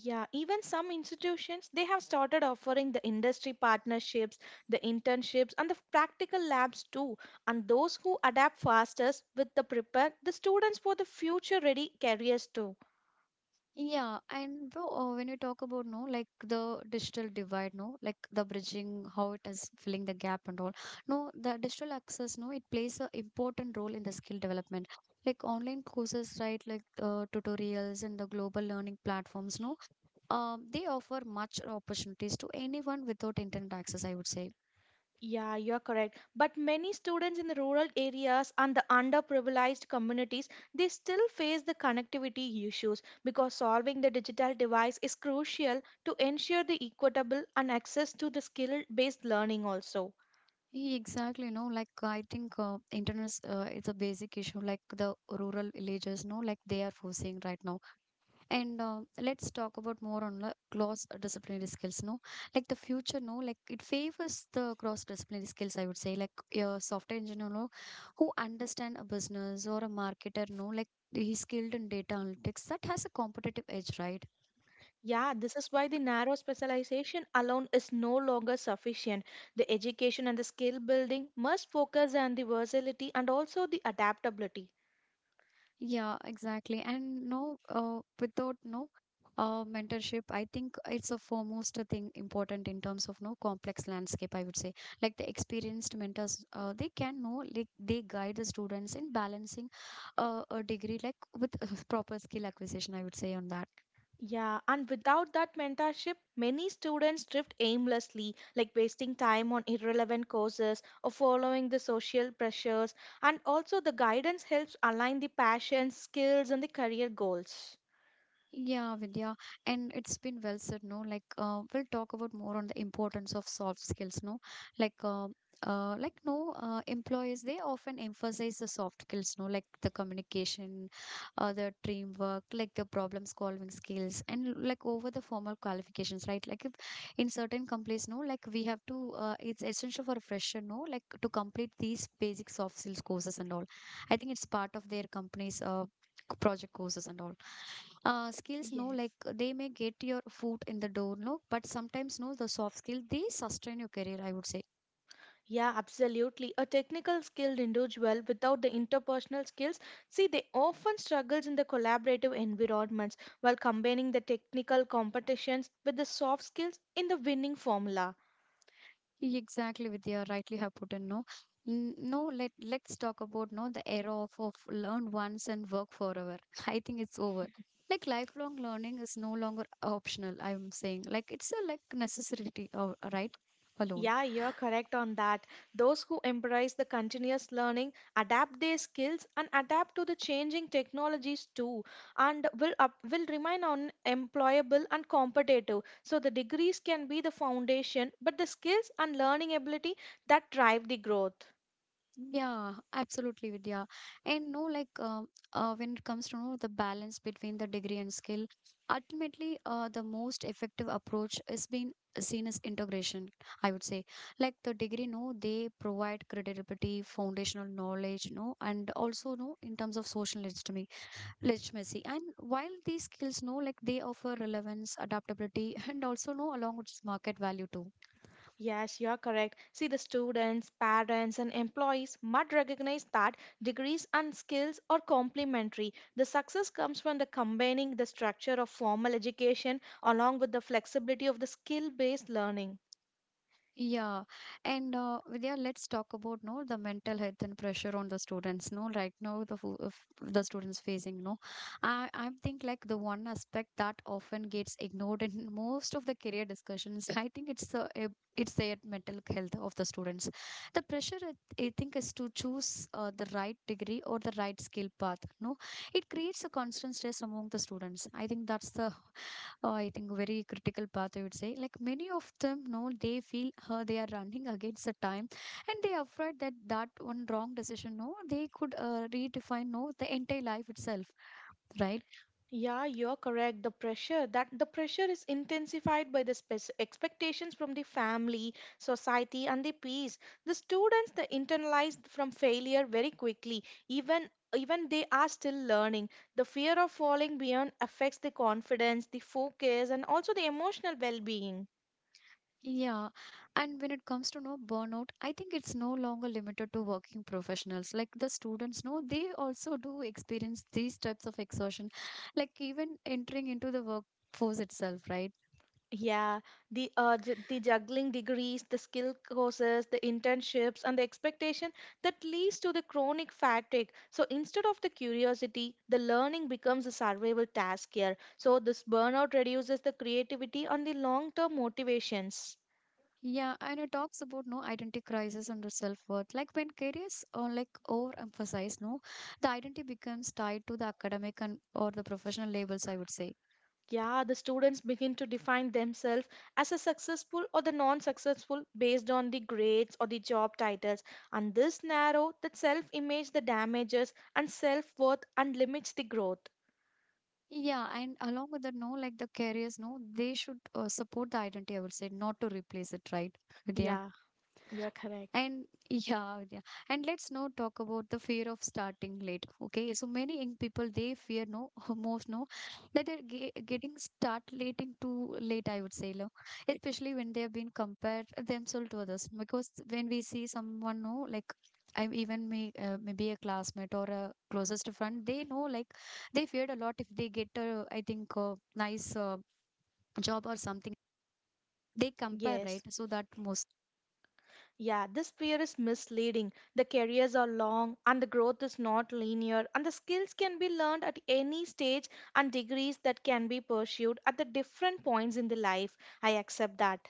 S2: Yeah, even some institutions they have started offering the industry partnerships, the internships, and the practical labs too. And those who adapt fastest with the prepare the students for the future ready careers too.
S1: Yeah, and bro, when you talk about no, like the digital divide, no, like the bridging, how it is filling the gap and all. No, the digital access, no, it plays a important role in the skill development. Like online courses, right? Like tutorials and the global learning platforms, no, they offer much opportunities to anyone without internet access, I would say.
S2: Yeah, you're correct. But many students in the rural areas and the underprivileged communities, they still face the connectivity issues because solving the digital device is crucial to ensure the equitable and access to the skill-based learning also.
S1: Yeah, exactly, no, like I think internet is it's a basic issue, like the rural villages, no, like they are facing right now. And let's talk about more on the cross disciplinary skills. No, like the future, no, like it favors the cross disciplinary skills, I would say, like a software engineer, no, who understand a business or a marketer, no, like he's skilled in data analytics, that has a competitive edge, right?
S2: Yeah, this is why the narrow specialization alone is no longer sufficient. The education and the skill building must focus on the versatility and also the adaptability.
S1: Yeah, exactly. And no, without no mentorship, I think it's a foremost thing important in terms of no complex landscape, I would say. Like the experienced mentors, they can know, like they guide the students in balancing a degree like with (laughs) proper skill acquisition, I would say on that.
S2: Yeah, and without that mentorship, many students drift aimlessly, like wasting time on irrelevant courses or following the social pressures. And also, the guidance helps align the passions, skills, and the career goals.
S1: Yeah, Vidya, and it's been well said, no? Like, we'll talk about more on the importance of soft skills, no? Like, uh, like no, employers they often emphasize the soft skills, no? Like the communication, the teamwork, like the problem solving skills, and like over the formal qualifications, right? Like, if in certain companies, no, like we have to, it's essential for a fresher, no, like to complete these basic soft skills courses and all. I think it's part of their company's project courses and all skills no
S2: Yes.
S1: like they may get your foot in the door no but sometimes no the soft skill they sustain your career I would say.
S2: Yeah, absolutely. A technical skilled individual without the interpersonal skills, see, they often struggles in the collaborative environments while combining the technical competitions with the soft skills in the winning formula.
S1: Exactly with your rightly have put in no. No, let's talk about no the era of learn once and work forever. (laughs) I think it's over like lifelong learning is no longer optional I'm saying like it's a like necessity right alone.
S2: Yeah, you're correct on that. Those who embrace the continuous learning adapt their skills and adapt to the changing technologies too, and will remain on employable and competitive. So the degrees can be the foundation, but the skills and learning ability that drive the growth.
S1: Yeah, absolutely, Vidya. And no, like when it comes to know the balance between the degree and skill, ultimately, the most effective approach is being seen as integration. I would say, like the degree, no, they provide credibility, foundational knowledge, no, and also no in terms of social legitimacy. Legitimacy, and while these skills, no, like they offer relevance, adaptability, (laughs) and also no along with market value too.
S2: Yes, you are correct. See, the students, parents, and employees must recognize that degrees and skills are complementary. The success comes from the combining the structure of formal education along with the flexibility of the skill based learning.
S1: Yeah, and Vidya, let's talk about no the mental health and pressure on the students. No, right now the of the students facing no, I think like the one aspect that often gets ignored in (laughs) most of the career discussions. I think it's the it's their mental health of the students. The pressure I think is to choose the right degree or the right skill path. No, it creates a constant stress among the students. I think that's the I think, very critical path, I would say. Like many of them, no, they feel they are running against the time and they are afraid that one wrong decision, no, they could redefine, no, the entire life itself, right?
S2: Yeah, you're correct. The pressure is intensified by the expectations from the family, society, and the peers. The students they internalize from failure very quickly, even even they are still learning. The fear of falling beyond affects the confidence, the focus, and also the emotional well-being.
S1: Yeah, and when it comes to no burnout, I think it's no longer limited to working professionals. Like the students, no, they also do experience these types of exhaustion, like even entering into the workforce itself, right?
S2: Yeah, the juggling degrees, the skill courses, the internships, and the expectation that leads to the chronic fatigue. So instead of the curiosity, the learning becomes a survival task here. So this burnout reduces the creativity and the long-term motivations.
S1: Yeah, and it talks about no identity crisis and self-worth. Like when careers are like overemphasized, no, the identity becomes tied to the academic and or the professional labels, I would say.
S2: Yeah, the students begin to define themselves as a successful or the non-successful based on the grades or the job titles. And this narrow the self-image, the damages, and self-worth, and limits the growth.
S1: Yeah, and along with that, no, like the careers, no, they should support the identity, I would say, not to replace it, right? (laughs) Vidya?
S2: Yeah, you're correct.
S1: And yeah, yeah. And let's now talk about the fear of starting late. Okay, so many young people they fear no (laughs) most no that they're getting start late too late. I would say, no? Especially when they have been compared themselves to others. Because when we see someone, no, like I'm even maybe a classmate or a closest friend, they know like they feared a lot if they get a I think a nice job or something. They compare right,
S2: Yes.
S1: so that most.
S2: Yeah, this fear is misleading. The careers are long and the growth is not linear, and the skills can be learned at any stage and degrees that can be pursued at the different points in the life. I accept that.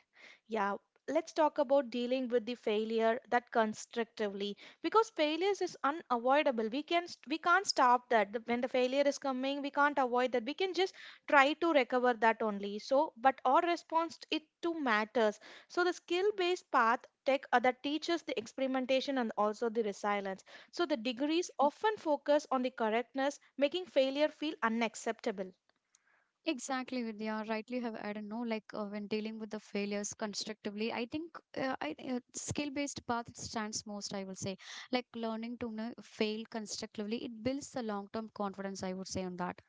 S2: Yeah, let's talk about dealing with the failure that constructively because failures is unavoidable. We can't stop that. When the failure is coming, we can't avoid that. We can just try to recover that only. So, but our response it too matters. So the skill based path tech that teaches the experimentation and also the resilience. So the degrees often focus on the correctness, making failure feel unacceptable.
S1: Exactly, Vidya. Rightly have added no, like when dealing with the failures constructively, I think I skill-based path stands most. I will say, like learning to know, fail constructively, it builds the long-term confidence. I would say on that.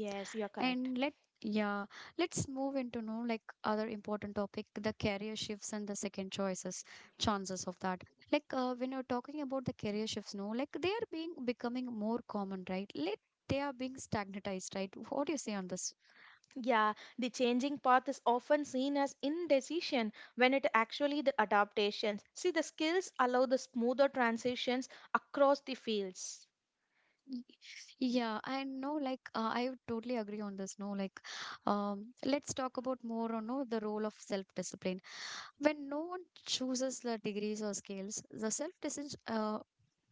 S2: Yes, you're correct.
S1: And let yeah, let's move into know like other important topic, the career shifts and the second choices, chances of that. Like when you're talking about the career shifts, no, like they are being becoming more common, right? Let they are being stagnatized, right? What do you say on this?
S2: Yeah, the changing path is often seen as indecision when it actually the adaptations. See, the skills allow the smoother transitions across the fields.
S1: Y- Yeah, I know, like, I would totally agree on this. No, like, Let's talk about more on no, the role of self-discipline. When no one chooses the degrees or scales, the self-discipline,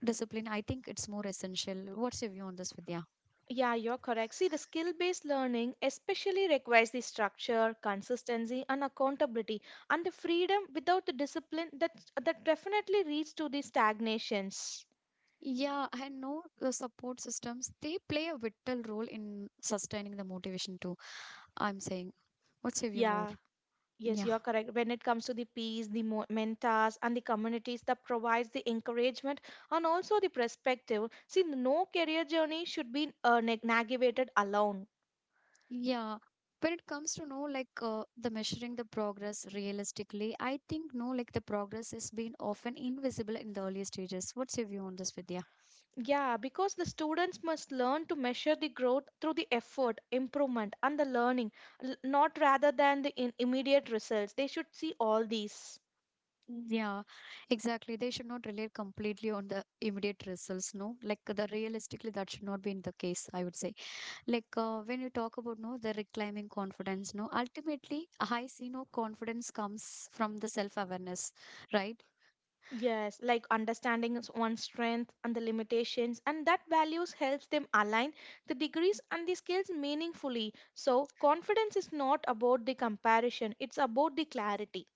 S1: discipline, I think it's more essential. What's your view on this, Vidya?
S2: Yeah, you're correct. See, the skill based learning especially requires the structure, consistency, and accountability, and the freedom without the discipline that definitely leads to the stagnations.
S1: Yeah, I know the support systems, they play a vital role in sustaining the motivation too. I'm saying, what's your view more?
S2: Yeah, yes,
S1: Yeah.
S2: you're correct. When it comes to the peers, the mentors, and the communities that provides the encouragement and also the perspective, see, no career journey should be navigated alone.
S1: Yeah. When it comes to know the measuring the progress realistically, I think no like the progress is being often invisible in the early stages. What's your view on this, Vidya?
S2: Yeah, because the students must learn to measure the growth through the effort, improvement, and the learning, not rather than the immediate results. They should see all these.
S1: Yeah, exactly. They should not rely completely on the immediate results. No, like the realistically that should not be in the case, I would say. When you talk about the reclaiming confidence, no, ultimately I see no confidence comes from the self awareness, right?
S2: Yes, like understanding is one's strength and the limitations, and that values helps them align the degrees and the skills meaningfully. So, confidence is not about the comparison, it's about the clarity.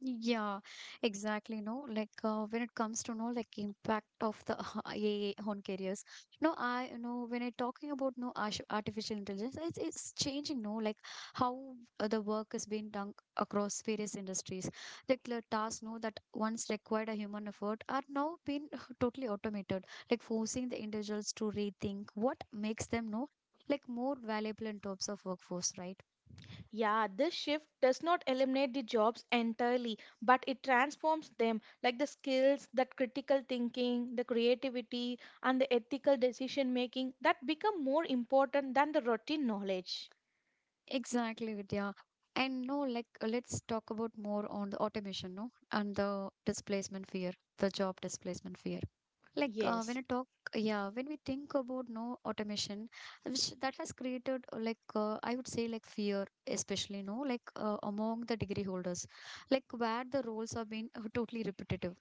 S1: Yeah, exactly. No, when it comes to know like impact of the (laughs) AI on careers. No, I you know when I talking about no arsh- artificial intelligence, it's changing. No, like how the work is being done across various industries. Like the tasks, no, that once required a human effort are now being (laughs) totally automated. Like forcing the individuals to rethink what makes them no like more valuable in terms of workforce, right?
S2: Yeah, this shift does not eliminate the jobs entirely, but it transforms them like the skills, that critical thinking, the creativity, and the ethical decision making that become more important than the routine knowledge.
S1: Exactly, Vidya. And no, let's talk about more on the automation, no, and the displacement fear, the job displacement fear. Like uh, when
S2: Yes.
S1: I talk, yeah, when we think about no automation, which that has created I would say like fear, especially no, among the degree holders, like where the roles have been totally repetitive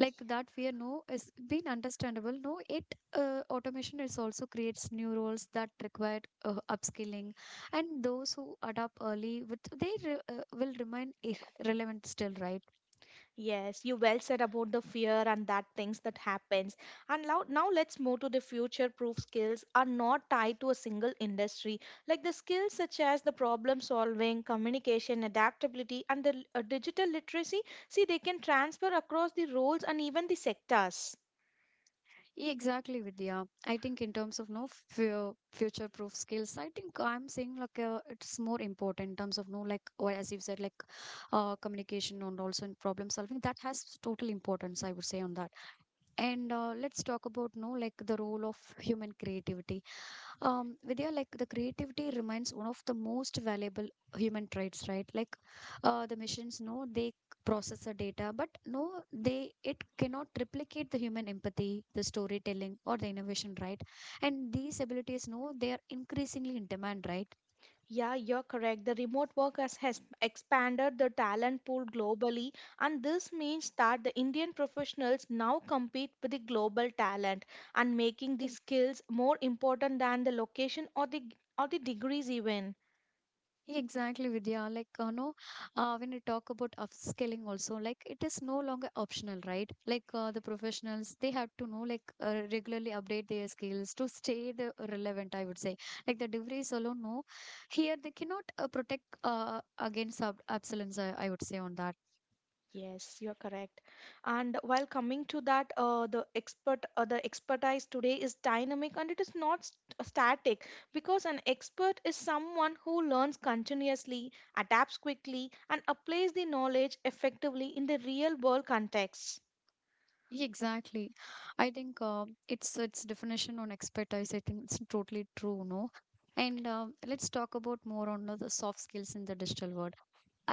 S1: like that fear no is been understandable no it automation is also creates new roles that require upskilling and those who adapt early with will remain relevant still right.
S2: Yes, you well said about the fear and that things that happens. And now let's move to the future-proof skills are not tied to a single industry. Like the skills such as the problem solving, communication, adaptability, and the digital literacy, see they can transfer across the roles and even the sectors.
S1: Yeah, exactly, Vidya. I think in terms of no fear future proof skills I think I'm saying it's more important in terms of no like or as you said communication and also in problem solving that has total importance I would say on that. And let's talk about no like the role of human creativity. Vidya, like the creativity remains one of the most valuable human traits, right? The machines, no, they process the data, but no, they it cannot replicate the human empathy, the storytelling, or the innovation, right? And these abilities, no, they are increasingly in demand, right?
S2: Yeah, you're correct. The remote work has expanded the talent pool globally, and this means that the Indian professionals now compete with the global talent and making the skills more important than the location or the degrees even.
S1: Exactly, Vidya. Like, when you talk about upskilling also, like it is no longer optional, right? The professionals, they have to know, regularly update their skills to stay the relevant, I would say. Like the degrees alone, no. Here they cannot protect against ab absence, I would say on that.
S2: Yes, you're correct. And while coming to that, the expertise today is dynamic and it is not static because an expert is someone who learns continuously, adapts quickly, and applies the knowledge effectively in the real world context.
S1: Yeah, exactly. I think it's its definition on expertise. I think it's totally true, no? And let's talk about more on the soft skills in the digital world.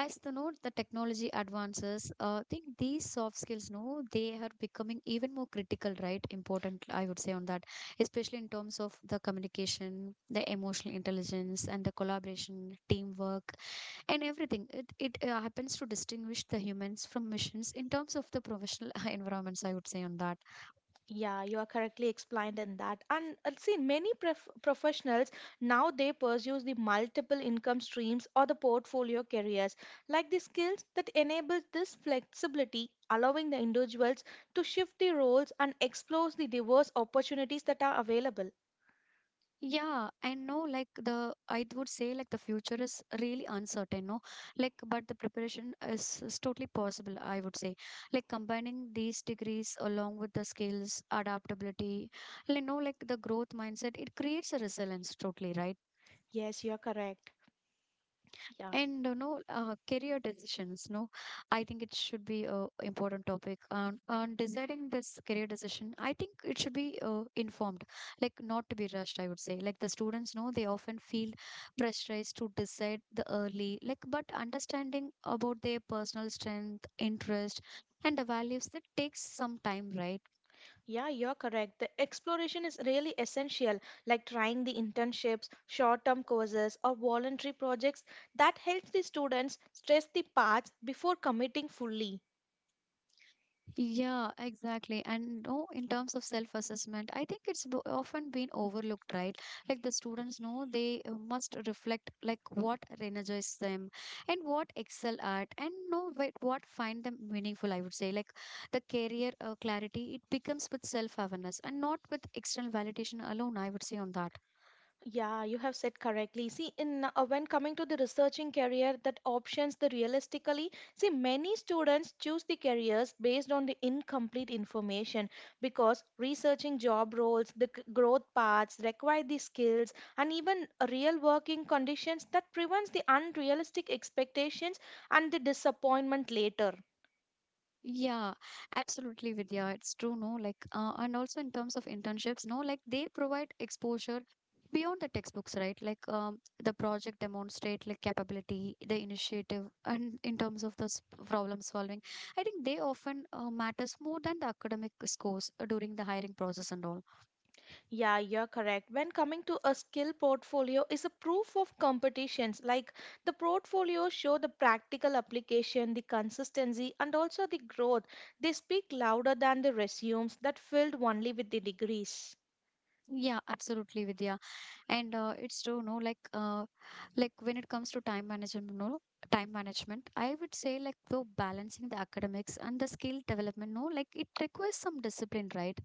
S1: As the note the technology advances I think these soft skills no they are becoming even more critical right important I would say on that, especially in terms of the communication the emotional intelligence and the collaboration teamwork and everything it, it happens to distinguish the humans from machines in terms of the professional (laughs) environments I would say on that.
S2: Yeah, you are correctly explained in that. And see, many professionals now they pursue the multiple income streams or the portfolio careers, like the skills that enable this flexibility, allowing the individuals to shift the roles and explore the diverse opportunities that are available.
S1: Yeah, I know like the I would say like the future is really uncertain, no? Like but the preparation is totally possible, I would say. Like combining these degrees along with the skills, adaptability, you know, like the growth mindset, it creates a resilience totally, right?
S2: Yes, you are correct. Yeah.
S1: And you know, career decisions. No, I think it should be a important topic. On deciding this career decision, I think it should be informed, like not to be rushed, I would say. Like the students know they often feel pressurized to decide the early, like but understanding about their personal strength, interest, and the values that takes some time, right?
S2: Yeah, you're correct. The exploration is really essential, like trying the internships, short term courses, or voluntary projects that helps the students stress the paths before committing fully.
S1: Yeah, exactly. And no, in terms of self-assessment, I think it's often been overlooked, right? Like the students know they must reflect like what energizes them and what excel at and know what find them meaningful, I would say. Like the career clarity, it becomes with self-awareness and not with external validation alone, I would say on that.
S2: Yeah, you have said correctly. See, in when coming to the researching career, that options the realistically, see, many students choose the careers based on the incomplete information because researching job roles, the growth paths require the skills and even real working conditions that prevents the unrealistic expectations and the disappointment later.
S1: Yeah, absolutely, Vidya. It's true, no? Like, and also in terms of internships, no? Like, they provide exposure beyond the textbooks, right? Like, the project demonstrate like capability, the initiative, and in terms of the problem solving, I think they often matters more than the academic scores during the hiring process and all.
S2: Yeah, you're correct. When coming to a skill portfolio is a proof of competitions. Like the portfolio show the practical application, the consistency and also the growth. They speak louder than the resumes that filled only with the degrees.
S1: Yeah, absolutely, Vidya. And it's true, no, like when it comes to time management, no, time management, I would say like though balancing the academics and the skill development, no, like it requires some discipline, right?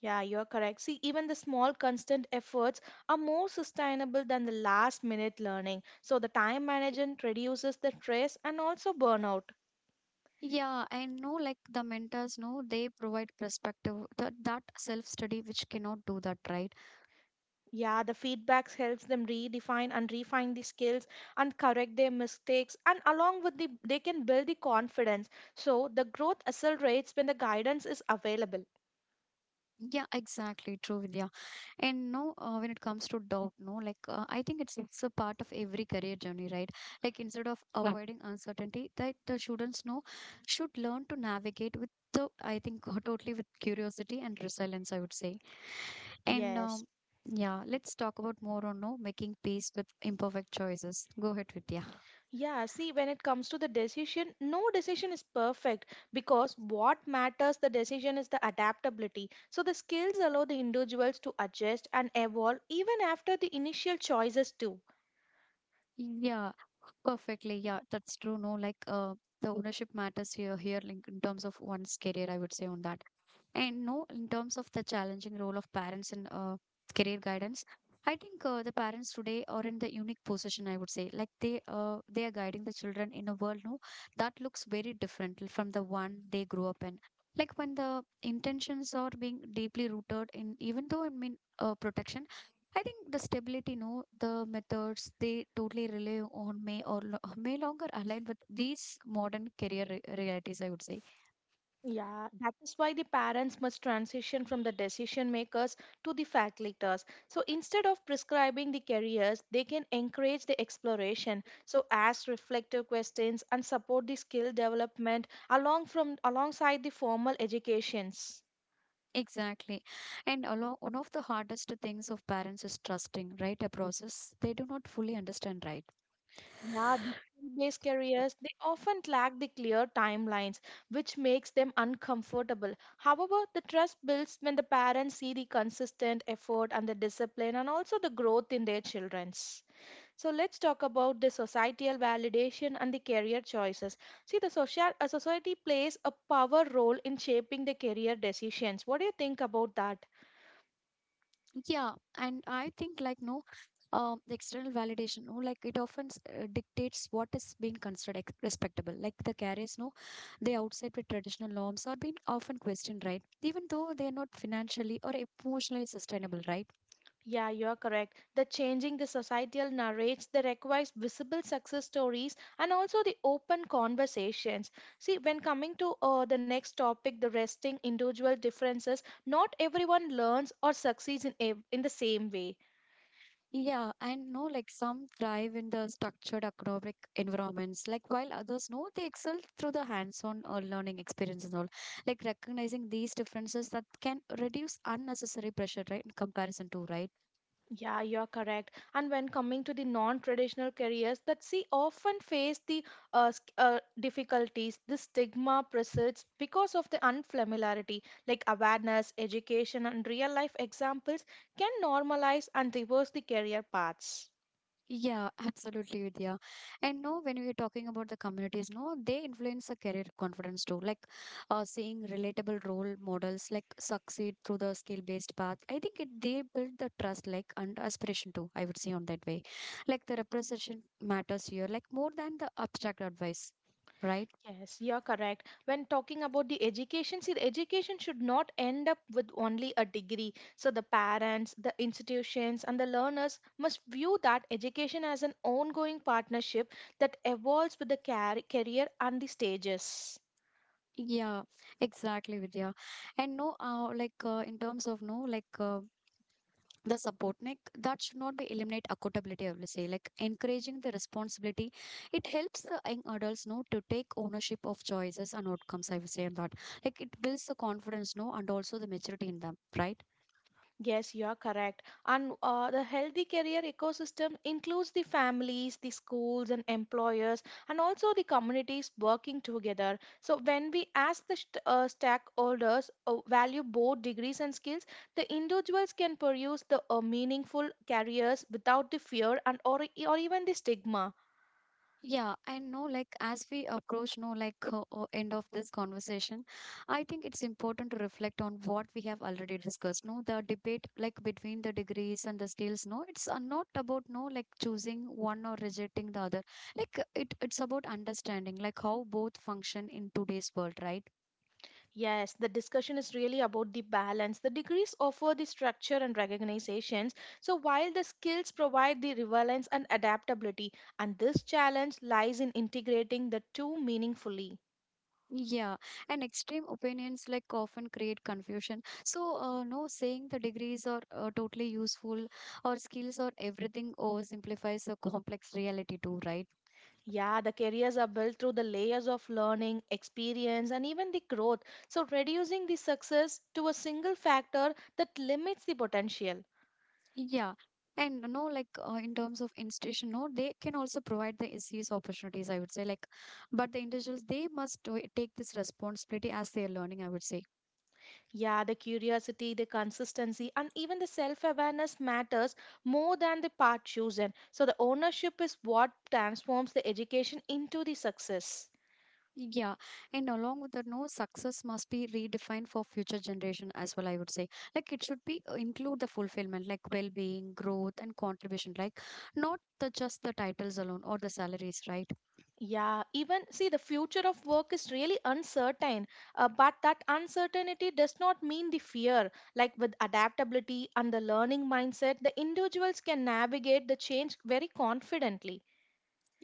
S2: Yeah, you're correct. See, even the small constant efforts are more sustainable than the last minute learning. So the time management reduces the stress and also burnout.
S1: Yeah, and no, like the mentors, no, they provide perspective that self study which cannot do that, right?
S2: Yeah, the feedbacks helps them redefine and refine the skills and correct their mistakes and along with the they can build the confidence. So the growth accelerates when the guidance is available.
S1: Yeah, exactly. True, Vidya. And no, when it comes to doubt, no, I think it's a part of every career journey, right? Like instead of yeah avoiding uncertainty, that the students know should learn to navigate with the I think (laughs) totally with curiosity and resilience, I would say. And
S2: Yes.
S1: yeah, let's talk about more on no making peace with imperfect choices. Go ahead, Vidya.
S2: Yeah, see when it comes to the decision, no decision is perfect because what matters the decision is the adaptability. So the skills allow the individuals to adjust and evolve even after the initial choices too.
S1: Yeah, perfectly. Yeah, that's true. No, the ownership matters here, like in terms of one's career, I would say on that. And no, in terms of the challenging role of parents in career guidance, I think the parents today are in the unique position, I would say, like they are guiding the children in a world no that looks very different from the one they grew up in. Like when the intentions are being deeply rooted in, even though I mean protection, I think the stability, no, the methods they totally rely on may or may longer align with these modern career realities, I would say.
S2: Yeah, that is why the parents must transition from the decision makers to the facilitators. So instead of prescribing the careers, they can encourage the exploration. So ask reflective questions and support the skill development along from alongside the formal educations.
S1: Exactly. And along one of the hardest things of parents is trusting, right? A process they do not fully understand, right?
S2: Yeah, the skill-based careers they often lack the clear timelines, which makes them uncomfortable. However, the trust builds when the parents see the consistent effort and the discipline and also the growth in their children's. So let's talk about the societal validation and the career choices. See, the social a society plays a power role in shaping the career decisions. What do you think about that?
S1: Yeah. And I think, like, no, the external validation, no, like, it often dictates what is being considered respectable. Like, the carriers, no, they outside with traditional norms are being often questioned, right? Even though they are not financially or emotionally sustainable, right?
S2: Yeah, you are correct. The changing the societal narrates that requires visible success stories and also the open conversations. See, when coming to the next topic, the resting individual differences, not everyone learns or succeeds in in the same way.
S1: Yeah, and no, like some thrive in the structured academic environments, like while others know they excel through the hands-on learning experience and all. Like recognizing these differences that can reduce unnecessary pressure, right? In comparison to, right?
S2: Yeah, you're correct. And when coming to the non-traditional careers that see often face the difficulties, the stigma persists because of the unfamiliarity. Like awareness, education, and real-life examples can normalize and reverse the career paths.
S1: Yeah, absolutely, Vidya. And no, when we are talking about the communities, no, they influence the career confidence too. Seeing relatable role models like succeed through the skill-based path. I think it they build the trust, like and aspiration too, I would say on that way, like the representation matters here, like more than the abstract advice, right?
S2: Yes, you're correct. When talking about the education, see, the education should not end up with only a degree. So, the parents, the institutions, and the learners must view that education as an ongoing partnership that evolves with the career and the stages.
S1: Yeah, exactly, Vidya. And no, in terms of no, like, the support like that should not be eliminate accountability, I will say, like encouraging the responsibility it helps the young adults know to take ownership of choices and outcomes, I will say on that, like it builds the confidence no and also the maturity in them, right?
S2: Yes, you are correct. And the healthy career ecosystem includes the families, the schools, and employers, and also the communities working together. So, when we ask the stakeholders value both degrees and skills, the individuals can pursue the meaningful careers without the fear or even the stigma.
S1: Yeah, and no, like as we approach, no, end of this conversation, I think it's important to reflect on what we have already discussed. No, the debate like between the degrees and the skills. No, it's not about no like choosing one or rejecting the other. It's about understanding like how both function in today's world, right?
S2: Yes, the discussion is really about the balance. The degrees offer the structure and recognizations, so while the skills provide the relevance and adaptability, and this challenge lies in integrating the two meaningfully.
S1: Yeah, and extreme opinions like often create confusion. So, no saying the degrees are totally useful or skills or everything oversimplifies a complex reality too, right?
S2: Yeah, the careers are built through the layers of learning, experience, and even the growth. So, reducing the success to a single factor that limits the potential.
S1: Yeah. And no, in terms of institution, no, they can also provide the SES opportunities, I would say. Like, but the individuals, they must take this responsibility as they are learning, I would say.
S2: Yeah, the curiosity, the consistency, and even the self awareness matters more than the path chosen. So, the ownership is what transforms the education into the success.
S1: Yeah, and along with that, no success must be redefined for future generation as well, I would say, like it should be include the fulfillment, like well-being, growth, and contribution, like not the just the titles alone or the salaries, right?
S2: Yeah, even see, the future of work is really uncertain, but that uncertainty does not mean the fear. Like with adaptability and the learning mindset, the individuals can navigate the change very confidently.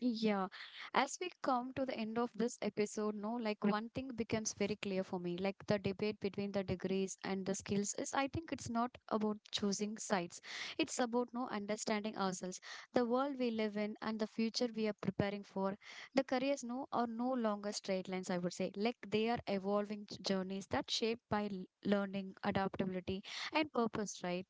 S1: Yeah, as we come to the end of this episode, no, like one thing becomes very clear for me, like the debate between the degrees and the skills is I think it's not about choosing sides. It's about no understanding ourselves, the world we live in and the future we are preparing for. The careers no are no longer straight lines, I would say. Like they are evolving journeys that shaped by learning, adaptability and purpose, right?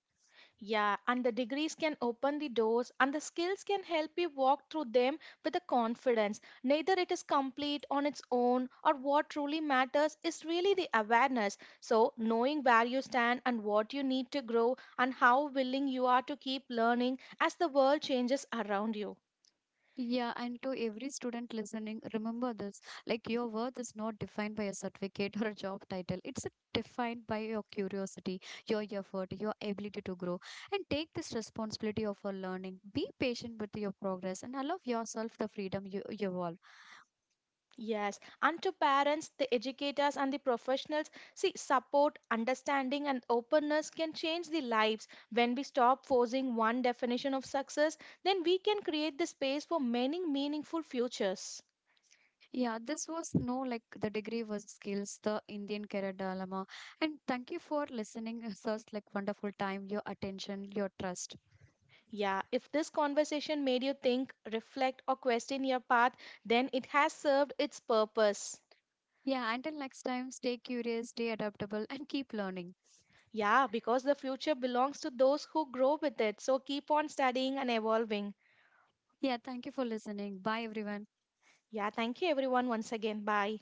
S2: Yeah, and the degrees can open the doors, and the skills can help you walk through them with a confidence. Neither it is complete on its own, or what truly matters is really the awareness. So, knowing where you stand and what you need to grow, and how willing you are to keep learning as the world changes around you.
S1: Yeah, and to every student listening, remember this. Like your worth is not defined by a certificate (laughs) or a job title. It's defined by your curiosity, your effort, your ability to grow. And take this responsibility of your learning. Be patient with your progress and allow yourself the freedom you evolve.
S2: Yes, and to parents, the educators, and the professionals, see, support, understanding, and openness can change the lives. When we stop forcing one definition of success, then we can create the space for many meaningful futures.
S1: Yeah, this was no like the degree was skills, the Indian career dilemma. And thank you for listening. (laughs) It's such like wonderful time, your attention, your trust.
S2: Yeah, if this conversation made you think, reflect, or question your path, then it has served its purpose.
S1: Yeah, until next time, stay curious, stay adaptable, and keep learning.
S2: Yeah, because the future belongs to those who grow with it. So keep on studying and evolving.
S1: Yeah, thank you for listening. Bye, everyone.
S2: Yeah, thank you everyone once again. Bye.